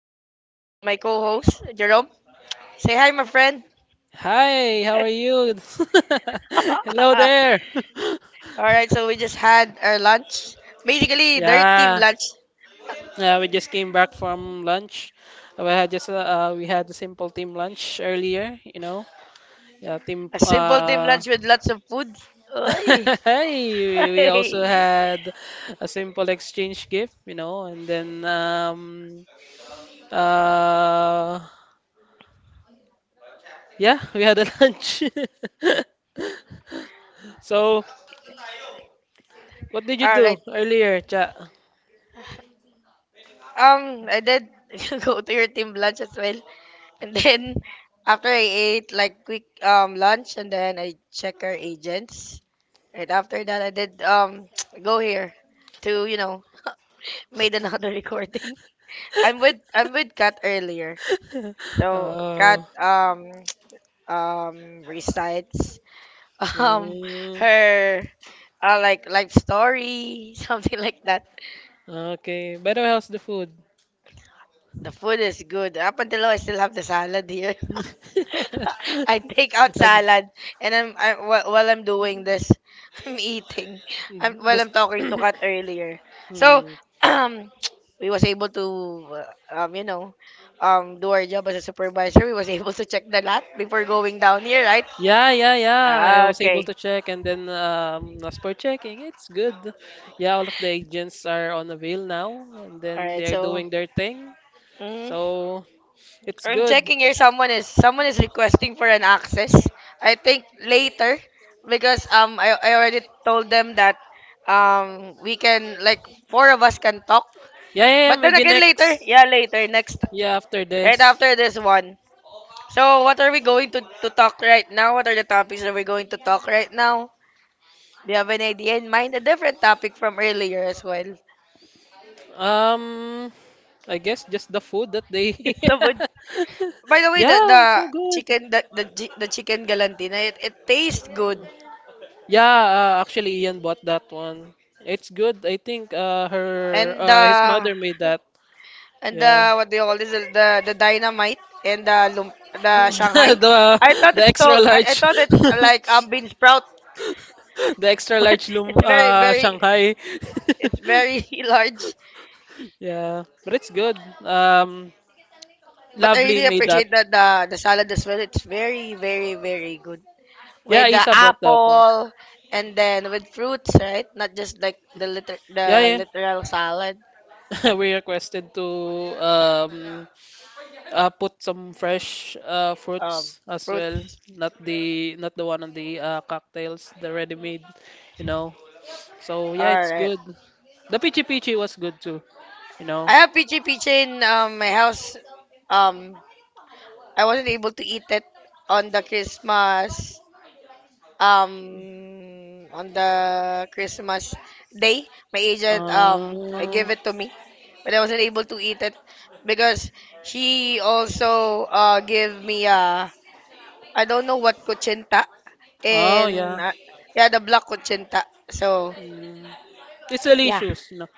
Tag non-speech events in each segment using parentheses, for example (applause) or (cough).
and I'm with my co-host Jerome. Say hi, my friend. Hi, how are you? (laughs) Hello (laughs) there. (laughs) All right, so we just had our lunch. Basically, their team Yeah, lunch, yeah, we just came back from lunch. We had just we had a simple team lunch earlier, you know. Yeah, team. a simple team lunch with lots of food. Oy. (laughs) hey, we also (laughs) had a simple exchange gift, you know, and then uh, yeah, we had a (laughs) lunch. So, what did you All do right. earlier, Cha? I did (laughs) go to your team lunch as well, and then after I ate like quick lunch, and then I check our agents. Right after that, I did (tsk) go here to (laughs) made another recording. (laughs) I'm with Kat earlier. (laughs) So Kat Oh. (tsk) Recites (laughs) um Mm, her like life story (laughs) something like that. (laughs) okay. But how's the food? The food is good. Up until now, I still have the salad here. (laughs) (laughs) (laughs) I take out And- salad and while I'm doing this, (laughs) I'm eating. I'm Mm, while does- I'm talking to Kat (coughs) earlier. So Mm. (clears throat) um, we was able to uh, um you know do our job as a supervisor. We was able to check the lot before going down here, right? (laughs) Yeah. I Ah, was able okay. to check, and then as per checking, it's good. Yeah, all of the agents are on avail now, and All then right. they are So. doing their thing. mm, So it's I'm good. checking here. Someone is requesting for an access. I think later because I already told them that we can like four of us can talk. Yeah, yeah, yeah. But then Maybe again later, next. yeah later next Yeah, after right this. after this one. So what are we going to talk right now? What are the topics that we're going to talk right now? Do you have an idea in mind? A different topic from earlier as well. (laughs) Um, I guess just the food that they. Just a (laughs) by the way, yeah, the it's so good. chicken the chicken galantina it tastes good, Yeah, actually, Ian bought that one. It's good. I think her and the his mother made that. and Yeah, the what do you call this, the dynamite and the lump, (laughs) the Shanghai. the I the thought the it's extra told I large, thought it's like (laughs) bean sprout, the (laughs) extra but large lum it's very very Shanghai. it's (laughs) very (laughs) large. Yeah, but it's good. But I Lovely really made that. appreciate that the salad as well. It's very good Yeah, with the Isa bought that one. apple and then with fruits, right? Not just like the Yeah, yeah. literal salad. (laughs) We requested to um put some fresh Um, fruits as well, fruits. not the one on the cocktails, the ready-made, you know. So yeah, All it's right. good. The Pichi Pichi was good too, you know. I have peachy peachy in my house. Um, I wasn't able to eat it on the Christmas um on the Christmas day. My agent Uh, gave it to me, but I wasn't able to eat it because she also gave me I don't know what kuchinta oh yeah. and yeah the black kuchinta. So Mm. It's yeah. delicious, you know.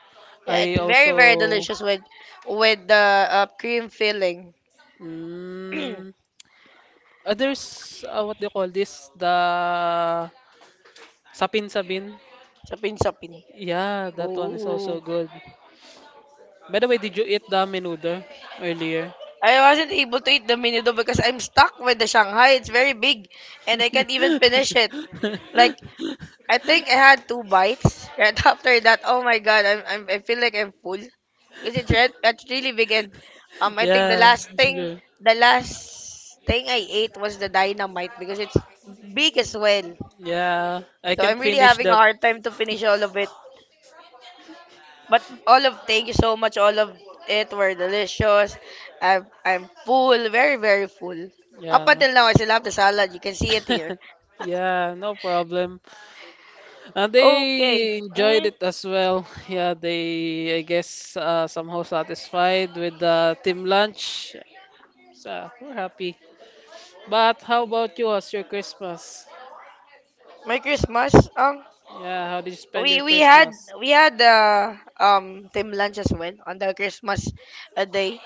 Yeah, I it's very very also delicious with the cream filling. mm, there's what do you call this? The sapin-sabin. Sapin sapin. Yeah, that one is Oh. also good. By the way, did you eat the menudo earlier? I wasn't able to eat the mini do because I'm stuck with the Shanghai. It's very big and I can't even finish it. Like I (laughs) think I had two bites. (laughs) Right after that, oh my god, I feel like I'm full because it's really big and I think yeah, it's good. the last thing I ate was the dynamite because it's big as well. Yeah, I So can I'm really finish having a that. hard time to finish all of it. But all of thank you so much. All of it were delicious. I'm full, very very full. Up Yeah. until now, I still have the salad. You can see it here. (laughs) Yeah, no problem. And Okay. they enjoyed Mm. it as well. (laughs) Yeah, they, I guess, somehow satisfied with the team lunch. So we're happy. But how about you? How's your Christmas? My Christmas. Yeah, how did you spend your we we had Christmas? we had team lunch as well on the Christmas day.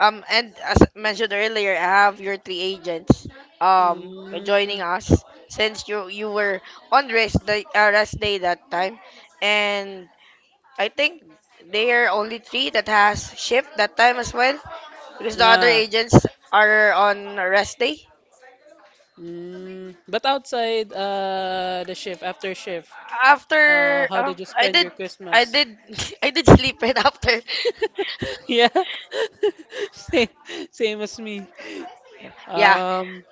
And as mentioned earlier, I have your three agents um Mm, joining us since you were on rest day that time, and I think there are only three that has shift that time as well because the other yeah. agents are on rest day. Mm, but outside the shift, after shift, After how um, did you I spend did your I Christmas? did (laughs) I did sleep right after. (laughs) (laughs) yeah, (laughs) same, same as me. Yeah. Um,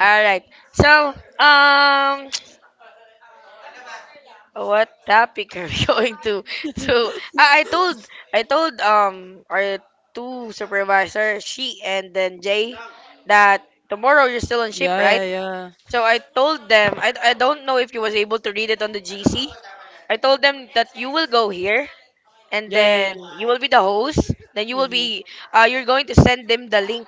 All right. So (tsk) what topic are we (laughs) going to? So I, I told (laughs) I told our two supervisor she and then Jay that tomorrow you're still on shift, yeah, yeah, right? yeah. So I told them, I don't know if you was able to read it on the GC. I told them that you will go here and Yeah, yeah, yeah. then you will be the host. Then you will Hmm. be, you're going to send them the link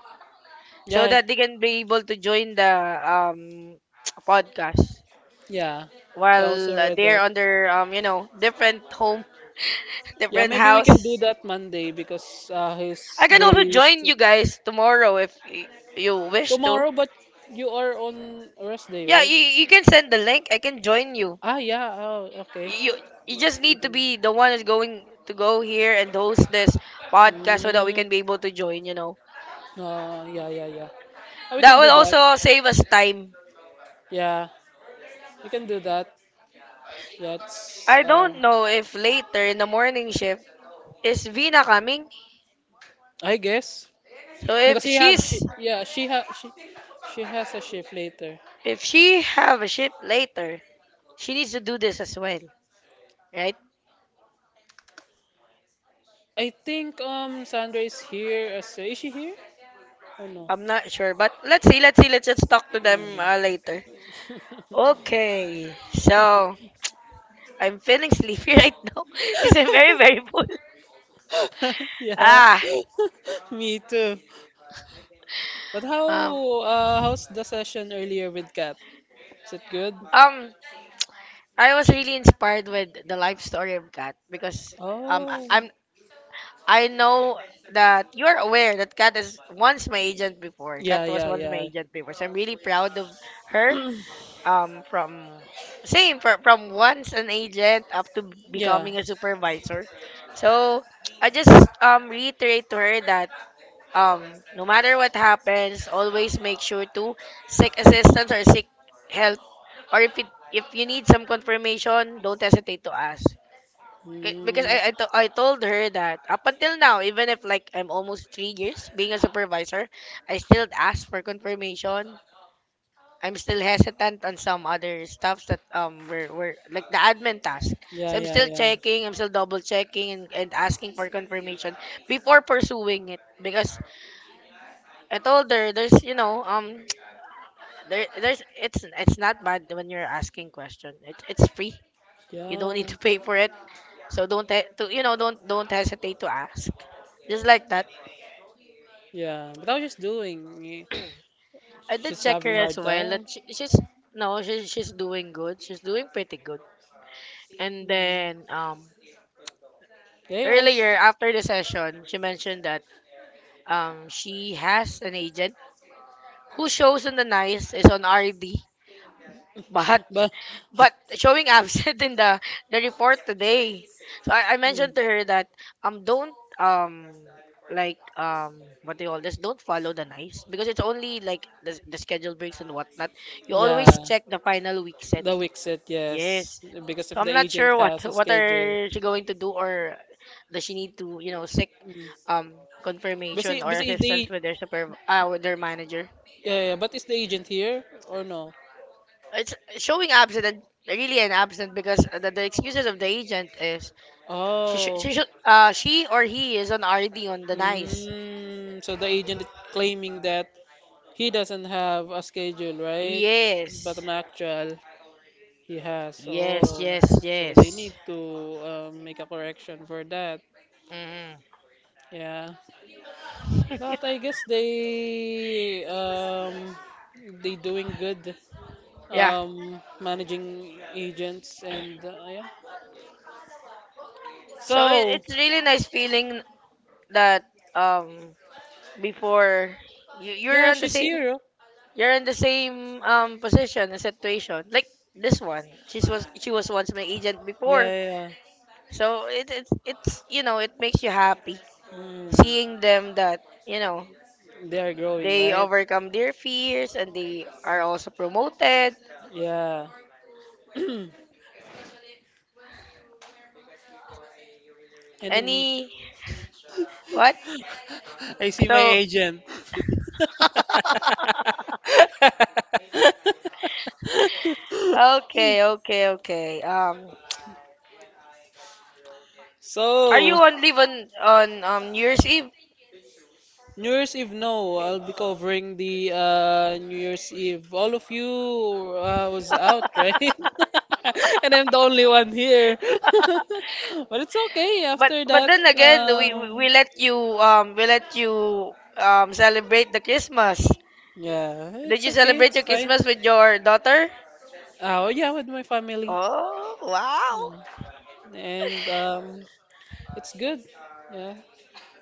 so Yeah, that they can be able to join the (tsk) podcast yeah. I also while read they're that. on their, different home, (laughs) Yeah, different maybe we can do house. that Monday because his I can also days join you guys tomorrow if you wish to. tomorrow, but you are on rest day, Yeah, right? You can send the link. I can join you. Ah, yeah. Oh, okay. You you just need to be the one that's going to go here and host this podcast so that we Mm, can be able to join yeah, yeah, yeah. Ah, we that can will do that. also save us time. Yeah, we can do that. Yeah, it's, I don't know if later in the morning shift is Vina coming. I guess So if because he have she she's yeah she ha she has a shift later. if she have a shift later, she needs to do this as well, right? I think Sandra is here. As, is she here or no? I'm not sure, but let's just talk to them Mm. Later. Okay, so I'm feeling sleepy (laughs) right now because I'm very very full. (laughs) yeah, Ah. (laughs) me too. But um how's the session earlier with Kat? Is it good? um I was really inspired with the life story of Kat because Oh, I'm I know that you're aware that Kat is once my agent before. Kat yeah, was yeah, once my yeah, agent before. So I'm really proud of her. (clears throat) From from once an agent up to yeah. becoming a supervisor. So I just reiterate to her that no matter what happens, always make sure to seek assistance or seek help or if you need some confirmation, don't hesitate to ask. 'Kay, because Mm. I told her that up until now, even if like I'm almost 3 years being a supervisor, I still ask for confirmation. I'm still hesitant on some other stuffs that were like the admin task. Yeah, So I'm yeah, still yeah. checking, I'm still double checking, and asking for confirmation before pursuing it because I told her there's (tsk) there there's it's not bad when you're asking question. It's free. You don't Yeah. need to pay for it. So don't he- to, you know don't hesitate to ask. Just like that. Yeah, but I was just doing. Eh, I did she's check having her a as hard well. time. That she's no, she's doing good. She's doing pretty good. And Mm. then They also, earlier after the session, she mentioned that she has an agent who shows on the nice is on RD But but. but showing absent (laughs) in the report today. So I Mm. mentioned to her that don't like what do you call this? Don't follow the nice because it's only like the schedule breaks and whatnot. You always Yeah, check the final week set. Wixit, yes, Yes. yes, because So if the I'm not sure agent what has a (laughs) what schedule. are she going to do or does she need to seek Mm. um But confirmation see, or but see, assistance the with their super with their manager. yeah, yeah, but is the agent here or no? It's showing absent and really an absent because the excuses of the agent is Oh, she should she or he is on RD on the nice. mm, so the agent is claiming that he doesn't have a schedule, right? Yes. But Yes. an actual. He has. Oh, so they Yes. need to make a correction for that. Hmm. Yeah, (laughs) but I guess they doing good Yeah. Managing agents and yeah. So So it's really nice feeling that um before you're yeah, on the she's same here. Oh. you're in the same position and situation like this one. She was once my agent before. Yeah, yeah. So it it's you know it makes you happy Yeah. Mm, seeing them that you know they are growing, they right? overcome their fears and they are also promoted Yeah. (clears throat) and then any what I see my so agent. (laughs) Okay are you So, on leave on new year's eve? (laughs) New Year's Eve, no, I'll be covering the New Year's Eve. All of you was out, right? (laughs) And I'm the only one here. (laughs) But it's okay but after but that. then again we let you celebrate the Christmas. Yeah, Did it's you okay, celebrate it's your fine. Christmas with your daughter? Oh, yeah, with my family. Oh wow. Yeah. And it's good. Yeah,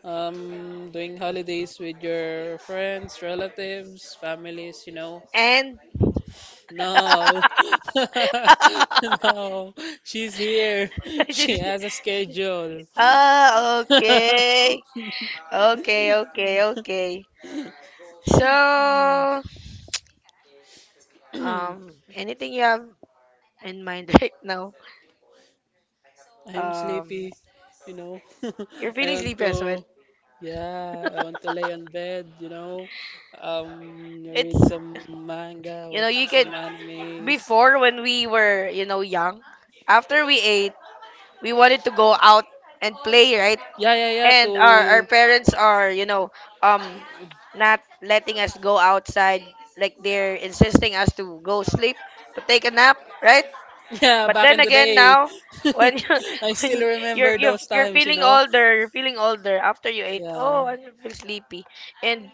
doing holidays with your friends, relatives, families, you know. And No, (laughs) (laughs) no, she's here. (laughs) She has a schedule. (laughs) ah, okay. Okay. So, anything you have in mind (laughs) right now? I'm Um, sleepy, you know. you're (laughs) I feeling want sleepy as well. to, yeah, I want to lay on bed, you know. It's, Read some manga, you know, watch you some can, animes, before when we were, you know, young, after we ate, we wanted to go out and play, right? yeah, yeah, yeah. To And our parents are, you know, um not letting us go outside like they're insisting us to go sleep, to take a nap, right? (laughs) yeah, But back then in the again day, now when you (laughs) (laughs) I still when remember those times. You know. You're feeling older after you ate, Yeah, oh, I feel sleepy. And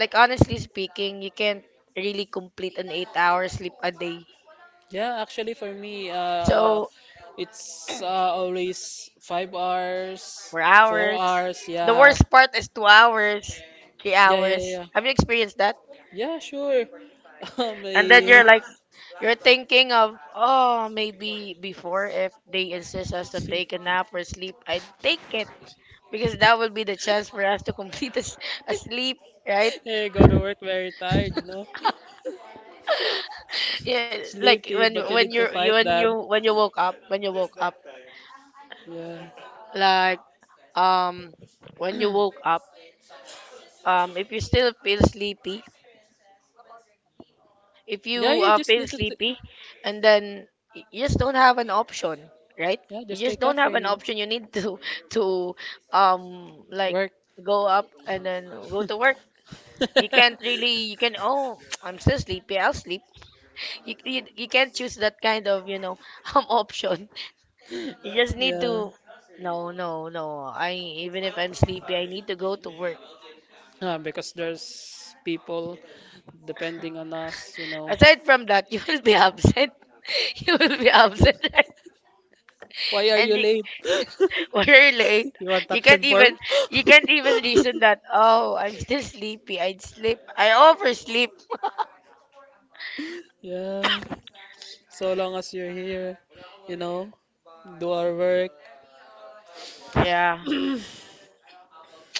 like honestly speaking, you can't really complete an 8-hour hour sleep a day. yeah. Actually, for me, So, it's always 5 hours, 4 hours. 4 hours. The Yeah, worst part is 2 hours, 3 yeah, yeah, hours. yeah. Have you experienced that? Yeah, sure. (laughs) Um, And then eh, you're like, (laughs) you're thinking of, oh, maybe before if they insist us to take a nap or sleep, I'd take it because that would be the chance for us to complete a sleep, right? eh, go to work very tired. You know. Yeah, like Sleepy, when but you need to you- fight when that. you when you woke up, when you woke up, Yeah. like um when you woke (clears throat) up, if you still feel sleepy, if yeah, you you just feel need to. T- sleepy and then you just don't have an option, right, yeah, you just just take don't have an caffeine. option. You need to (laughs) to um like Work. go up and then go to work. (laughs) You can't really, you can, oh, (tsk) I'm still sleepy, I'll sleep. You can't choose that kind of (laughs) option. You just need yeah. to. No, no, no, I, even if I'm sleepy, I need to go to work. Because there's people depending on us, you know. Aside from that, (laughs) you will be absent. (laughs) You will be absent, right? Why are And you you, late? (laughs) (laughs) well, you're late. you want You can't action form? even, you can't (laughs) even reason that, oh, I'm still sleepy, I'd sleep, I oversleep. yeah. So long as you're here, you know, do our work. Yeah,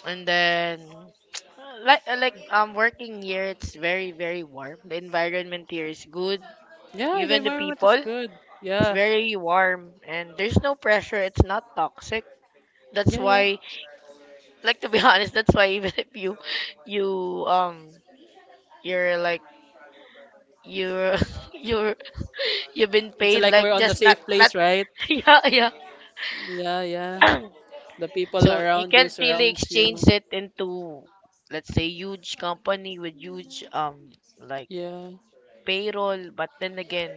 and then (tsk) like I'm working here. It's very very warm. The environment here is good. Yeah, the Even the environment people, is good. it's Yeah. very warm, and there's no pressure. It's not toxic. That's Yeah, yeah. why, like, to be (laughs) honest, that's why even if you, you, um you're like, you're (laughs) you're (laughs) you've been It's paid like we're like, on the just not, safe not place, right? (laughs) yeah, yeah. Yeah, yeah. The (clears throat) people So you around you can't really surrounds you. exchange it into, let's say, huge company with huge like Yeah. payroll, but then again,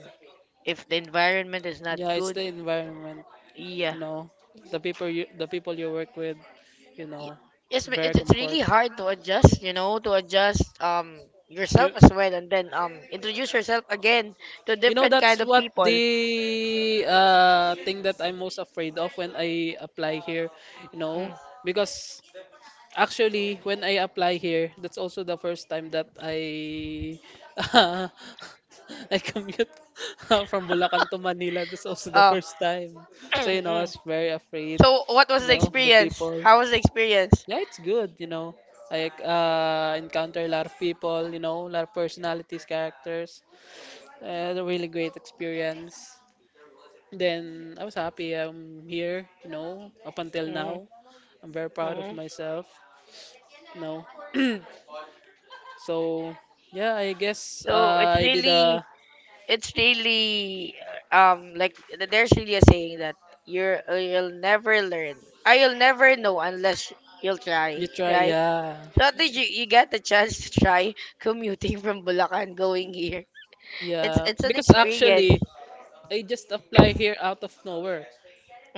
if the environment is not Yeah, it's good. the environment, Yeah, no, the people you work with, you y- know, yes, but very it's comfort. really hard to adjust, you know, to adjust, You, yourself as well, and then introduce yourself again to you know different that's kind of what people. the thing that I'm most afraid of when I apply here, you know, Mm. because actually, when I apply here, that's also the first time that I (laughs) I commute (laughs) from Bulacan to Manila. That's also the uh, first time. So, you know, I (clears throat) was very afraid, So, what you was the know, of the experience? people. How was the experience? Yeah, it's good, you know. I encounter a lot of people, you know, a lot of personalities, characters. A really great experience. Then I was happy I'm here, you know, up until now. Mm-hmm. I'm very proud of myself, you know. (clears throat) So yeah, I guess So, I did a it's really, like there's really a saying that you're you'll never learn. I You'll never know unless you'll try, you try right? yeah So at least you, you get the chance to try (laughs) commuting from Bulacan going here. It's yeah it's an because experience. actually I just apply here out of nowhere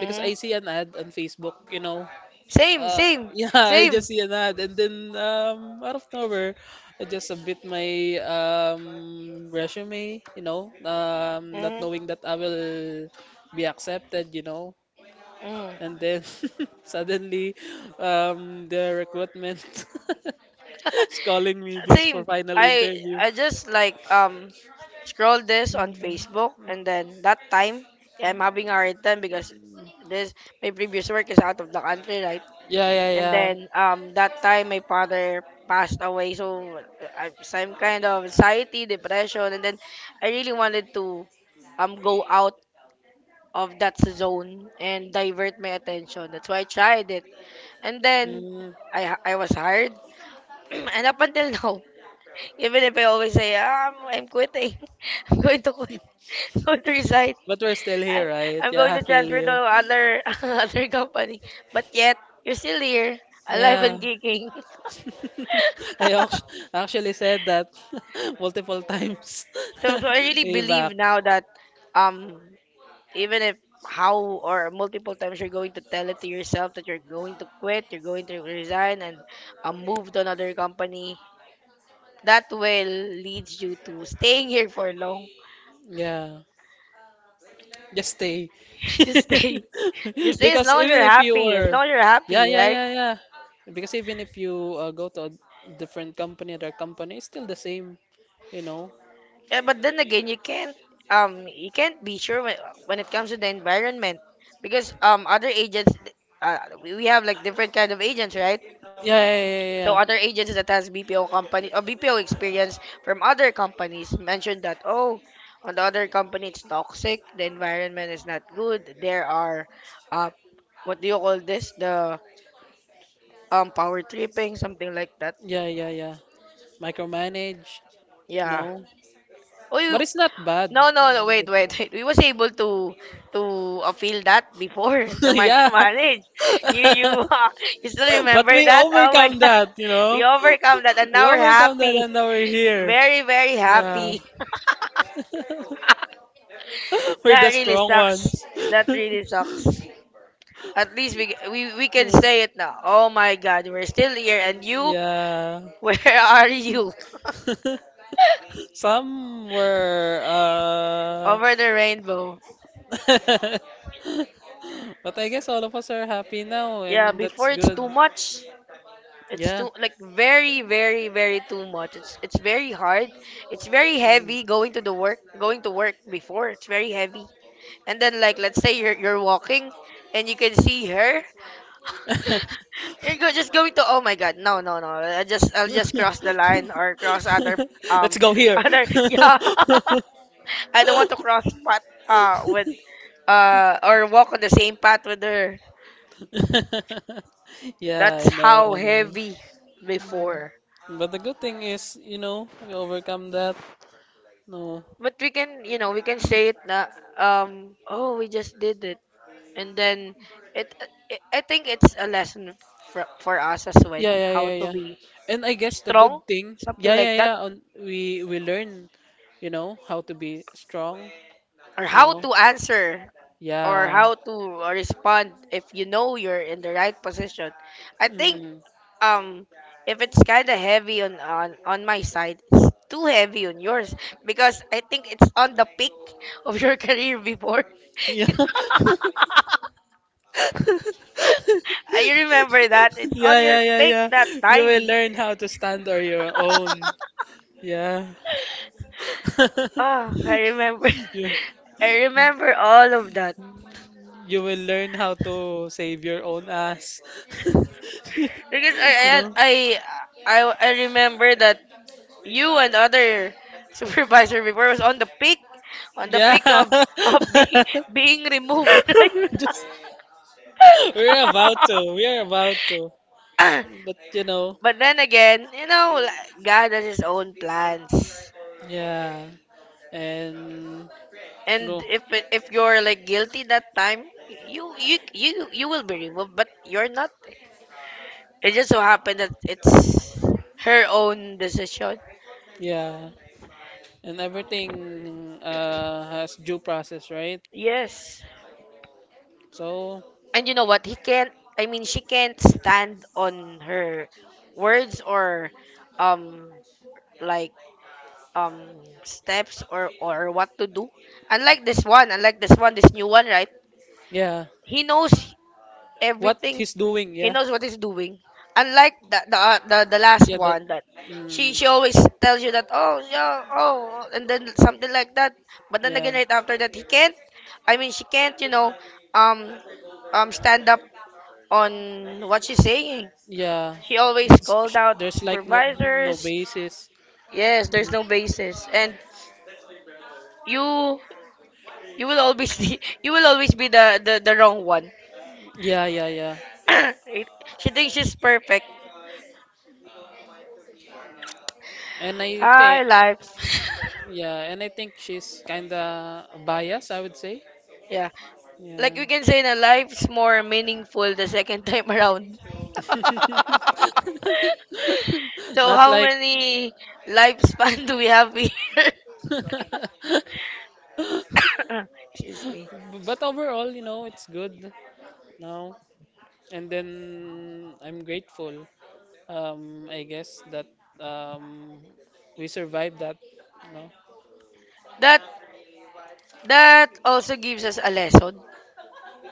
because I see an ad on Facebook you know Same, uh, same, (laughs) yeah I same. just see an ad and then out of nowhere I just submit my resume you know not knowing Mm-hmm. that I will be accepted you know and then (laughs) suddenly the recruitment. (laughs) (laughs) She's calling me this for Same. final I interview. I just like scroll this on Mm. Facebook, and then that time, yeah, I'm having a hard time because this, my previous work is out of the country, right? Yeah, yeah, And yeah. then that time my father passed away, so I'm some kind of anxiety, depression, and then I really wanted to go out of that zone and divert my attention. That's why I tried it, and then Mm. I was hired, (clears throat) and up until (laughs) now, even if I always say, ah, I'm quitting, (laughs) I'm going to quit, (laughs) I'm going to resign, But we're still I'm, here, right? I'm Yeah, going I to feel transfer to you. other (laughs) other company. But yet, you're still here, alive Yeah. and kicking. (laughs) I act- (laughs) actually said that (laughs) multiple times So, so I (laughs) really way back. believe now that, um, even if how or multiple times you're going to tell it to yourself that you're going to quit, you're going to resign, and move to another company, that will leads you to staying here for long. Yeah, just stay. (laughs) Just (laughs) stay. Just say, as Because long as even you're if you happy, as were, long as you're yeah, happy, yeah, right? yeah, yeah. Because even if you go to a different company, other company, it's still the same, you know. Yeah, but then again, you can't, you can't be sure when it comes to the environment, because other agents, we have like different kind of agents, right? Yeah, yeah, yeah, So yeah. other Yeah. agents that has BPO company or BPO experience from other companies mentioned that, oh, on the other company it's toxic, the environment is not good. There are uh what do you call this, the power tripping, something like that. Yeah, yeah, yeah. Micromanage? Yeah. No. Oh, But you. it's not bad. No, no, no, wait, wait, wait. We was able to (laughs) feel that before (laughs) the yeah. micromanage. (laughs) You, (laughs) you still but remember we that? Oh my overcome god. (laughs) that, you We know? overcome that and We now we're overcome that happy. and now we're here. Very, very Yeah. happy. (laughs) (laughs) we're That the really strong sucks. ones. That really sucks. At least we can say it now. Oh my god, we're still here, and (laughs) you yeah. (laughs) where are you? (laughs) Some were. (laughs) Over the rainbow. (laughs) but I guess all of us are happy now Yeah, and that's before it's good. too much. It's Yeah. too, like, very, very, very too much. It's very hard. It's very heavy going to the work, going to work before. It's very heavy. And then, like, let's say you're walking and you can see her. (laughs) You're go, just going to, oh my god, no, no, no. I just, I'll just cross the line or (laughs) cross other Let's um go (laughs) here. other, (laughs) yeah. (laughs) I don't want to cross path with or walk on the same path with her. Yeah, That's I know, how I know. heavy Mm. before. But the good thing is, you know, we overcome that. No. But we can, you know, we can say it na, oh, we just did it, and then it, I think it's a lesson for us as well, Yeah, yeah, how yeah, to yeah. be And I guess the strong, good thing, something yeah, yeah, like that, yeah, on, we learn, you know, how to be strong, or you how know. to answer or Yeah. how to respond if you know you're in the right position. I think Hmm. um if it's kind of heavy on my side, it's too heavy on yours, because I think it's on the peak of your (laughs) career before. Yeah. (laughs) I remember that. It's Yeah, on your yeah, yeah, pick yeah. that You will time. learn how to stand on your own. Yeah. Oh, (laughs) I remember. You, (laughs) I remember all of that, you will learn how to save your own ass. (laughs) because I I You had- know? I I remember that you and other (laughs) supervisor before was on the Yeah. peak of (laughs) being (laughs) being removed, (laughs) right? Just, we're about to. We're about to. But you know, (coughs) But then again, you know, like, God has His own plans, yeah. And and no. If you're like guilty that time, you you will be removed, but you're not. It just so happened that it's her own decision. Yeah, and everything has due process, right? Yes. So, And you know what? He can't, I mean, she can't stand on her words or um like steps or what to do. Unlike this one, this new one, right? yeah, He knows what everything. he's doing, He yeah, knows what he's doing. Unlike the the last yeah, that, one, that she mm, she always tells you that, oh, yeah, oh, and then something like that. But then yeah, again, right after that, he can't. I mean, she can't. You know, um, stand up on what she's saying. yeah. She always called Sh- out There's like no supervisors. basis. Yes, there's Mm. no basis, and you you will always be, (laughs) you will always be the the wrong one. (coughs) Yeah, yeah, yeah. (clears throat) It- she thinks she's perfect. And I Hi, think, life. (laughs) yeah, and I think she's kinda biased, I would say. Yeah. Like Yeah, we can say na life's more meaningful the second time around. (laughs) (laughs) So not how like many lifespan do we have here? (coughs) (laughs) (laughs) Excuse me. but overall, you know, it's good now. And then I'm grateful. I guess that um, we survived that. You know, That, that also gives us a lesson,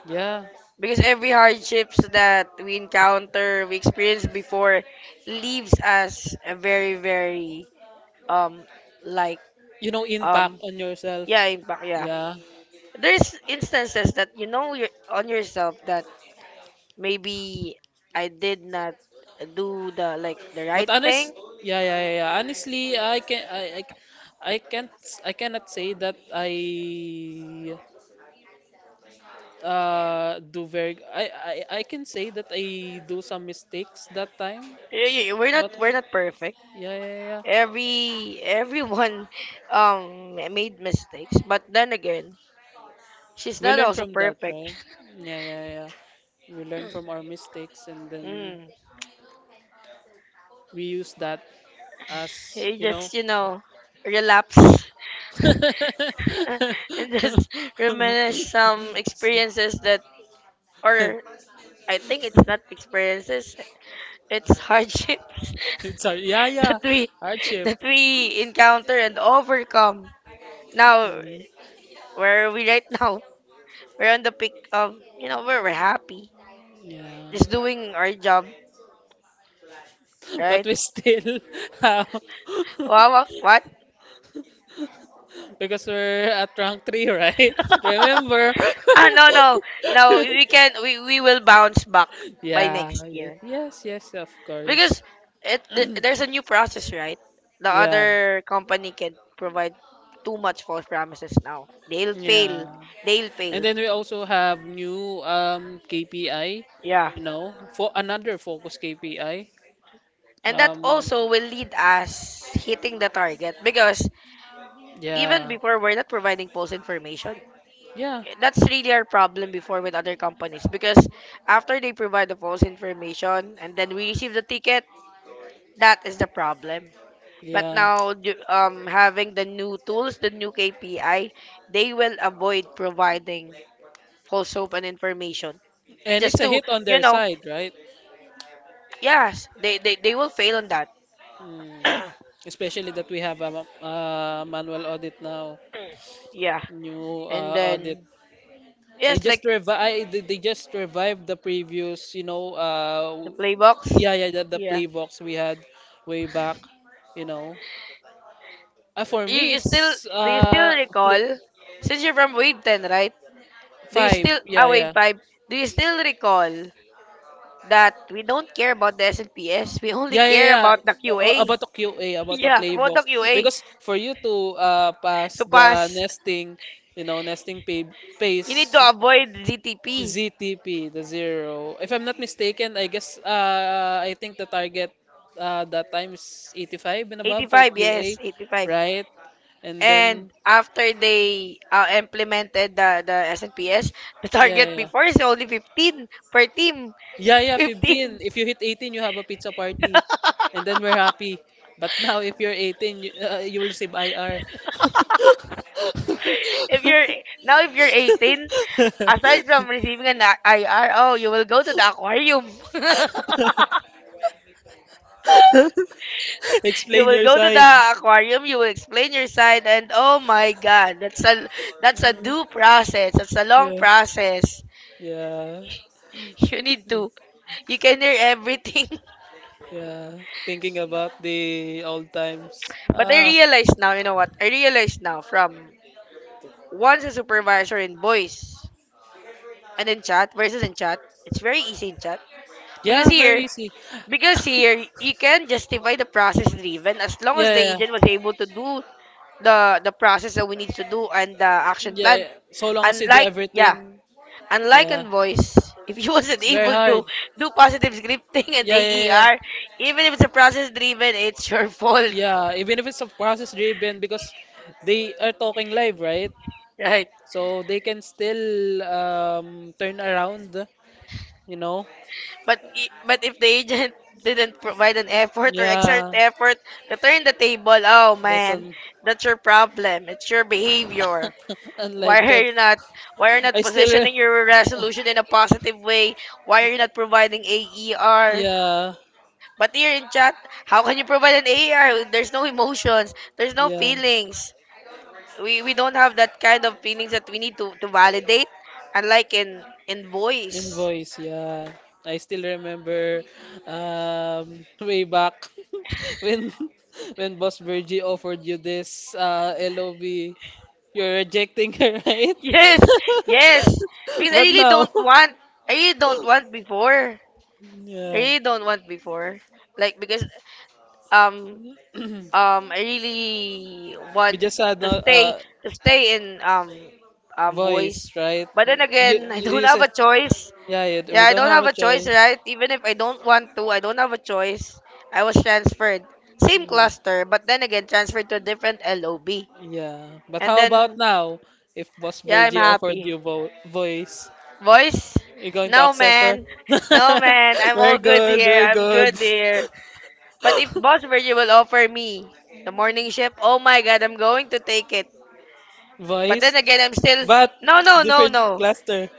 yeah. because every hardships that we encounter, we experience before, leaves us a very very um like You know, impact um on yourself. yeah, impact, yeah. Yeah. There's instances that you know your on yourself that maybe I did not do the, like, the right But thing. honest, yeah, yeah, yeah. Yeah. Honestly, I can't, I cannot say that I do very I can say that I do some mistakes that time, We're not but we're not not perfect. yeah yeah yeah. Yeah. Every everyone (laughs) made mistakes, but then again, she's We not learn also from that, perfect. right? Yeah yeah yeah. We learn from our mistakes and then Mm. we use that as You you know. just, you know, relapse (laughs) (laughs) and just reminisce some experiences that, or, I think it's not experiences. It's hardships It's our yeah (laughs) that yeah we, hardship. that we encounter and overcome. Now, Mhm. where are we right now? (laughs) We're on the peak of, you know, where we're happy, Yeah. just doing our job, (laughs) But right? we still (laughs) have Wow, wow, what? (laughs) because we're at rank three, right? (laughs) Remember? (laughs) (laughs) Ah, no, no, no. We can, we will bounce back by yeah. next year, Yes. Yes. Of course. because it, (clears throat) there's a new process, right? The Yeah. other company can provide too much false promises now. They'll fail. Yeah. They'll And fail. then we also have new KPI. Yeah. You know, for another focus KPI. And that Um. um, also will lead us hitting the target, because even yeah. before, we're not providing false information. Yeah. That's really our problem before with other companies, because after they provide the false information and then we receive the ticket, that is the problem. But Yeah. now, having the new tools, the new KPI, they will avoid providing false hope and information. And Just it's a to, hit on you their know, side, right? yes, they will fail on that. Mm. Especially that we have a, manual audit now, (clears throat) Yeah. new And audit. then, They yes, just like, revive. They just revived the previous, you know. The play box. Yeah, yeah, the Yeah. playbooks we had way back, you know. For You, me, you still, it's do you still recall, play, since you're from Wave 10, right? Do you five. still, ah, Yeah, Wave yeah, 5? Do you still recall that we don't care about the SNPS? We only yeah, yeah, care yeah. about the A- a- QA. About (laughs) the QA, about the Yeah, about the playbox, QA, because for you to pass to the pass. nesting, you know, You need pace, to avoid GTP. ZTP, the zero. If I'm not mistaken, I guess I think the target that time is 85 and above for 85, QA, yes, 85. right? And And then, after they implemented the SNPS, the yeah, target yeah, before is only 15 per team. yeah, yeah, (laughs) yeah, 15. 15. If you hit 18, you have a pizza party, and then we're (laughs) happy. But now, if you're 18, you, you will receive IR. if you're Now, if you're 18, aside from receiving an IR, oh, you will go to the (laughs) aquarium. (laughs) You Explain will your go to side. the aquarium. You will explain your side, and oh my God, that's a, that's a Mm, due process. That's a long yeah, process. (laughs) yeah, You need to. You can hear everything. (laughs) yeah. Thinking about the old times. But I Ah, realize now, you know what? I realize now from, once a supervisor in voice and in chat, versus in chat, it's very easy in chat. Because yeah, very here, easy. because here you can justify the process driven as long Yeah, as the yeah, agent was able to do the process that we need to do and the action yeah. plan. Yeah. So long as you do Unlike, yeah, everything. unlike Yeah, on voice, (laughs) if you wasn't it's very able to hard. do positive scripting and Yeah, yeah, yeah. AER, even if it's a process driven, it's your (laughs) fault, Yeah, even if it's a process driven because they are talking live, right? right? So they can still turn around, you know? But but if the agent (laughs) didn't provide an effort or exert Yeah, effort to turn the table, oh that's man, un that's your problem. It's your behavior. (laughs) Why unlike are that. you not, why are you not I still re positioning your resolution in a positive way? Why are you not providing (laughs) AER? yeah, But here in chat, how can you provide an AER? There's no emotions, there's no yeah. feelings. We don't have that kind of feelings that we need to validate, unlike in voice. Invoice, yeah. I still remember (laughs) way back (laughs) when when Boss Virgie offered you this LOV, you're rejecting her, (laughs) right? Yes, yes. (laughs) Because I But really now, don't want, I really don't want before. I yeah, really don't want before. Like, because um (clears throat) I really we want just had to no stay, to stay in voice, voice. right? But then You, again, (laughs) I you, don't you have said, a choice. yeah, yeah, we Yeah, I don't don't have a have a choice, choice. right? Even if I don't want to, I don't have a choice. I was transferred. Same Mm, cluster, but then again transferred to a different LOB. yeah, but And how about then, now? If Boss yeah, I'm Virgie offered happy. you vo voice, Voice? you're going to No, accept her? man. No, man. (laughs) I'm all Very good good, here. very I'm good good. here. But if Boss Virgil will offer me the morning shift, oh my god, I'm going to take it. (laughs) But Voice, then again, I'm still but no, no, no, different no, cluster.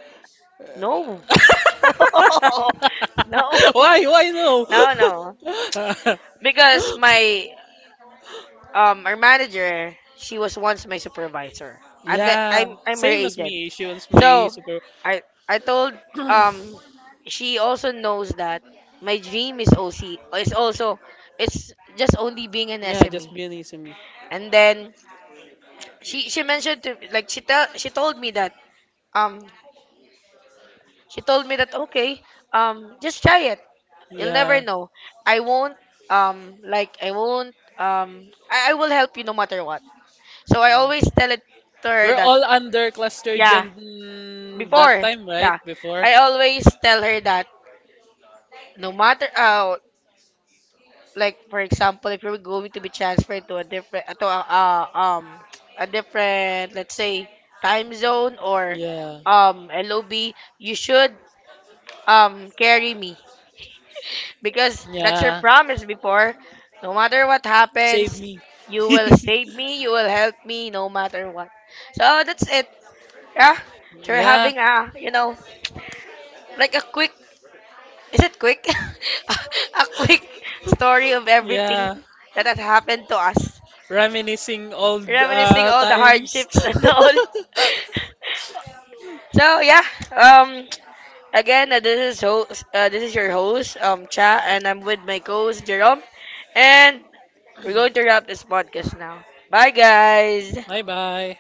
no, (laughs) (laughs) no, Why? Why no? no, no. Because my our manager, she was once my supervisor. (laughs) Yeah, I'm her same as agent. me. She wants my So super. I I told, um she also knows that my dream is OC, is also, it's just only being an Yeah, just SME. Vietnamese and me. And then she mentioned to, like, she told me that um she told me that, okay, just try it, you'll never Yeah. know. I won't, like I won't, I will help you no matter what. So I Mm. always tell it to her We're that, all under cluster yeah, gen mm, that before, time, right? yeah. Before. I always tell her that no matter like, for example, if you're going to be transferred to a different, to a different, let's say, time zone or Yeah. LOB, you should carry me. Because that's your Yeah. promise before. No matter what Save happens, me. you will save (laughs) me, you will help me no matter what. So that's it. Yeah. So we're Yeah, having a, you know, like a quick, is it quick? (laughs) A quick story of everything yeah. that has happened to us. Reminiscing old Reminiscing all the times. hardships (laughs) and all. (laughs) So yeah, um, again, this is host, this is your host, Cha, and I'm with my co-host Jerome, and we're going to wrap this podcast now. Bye, guys. Bye bye.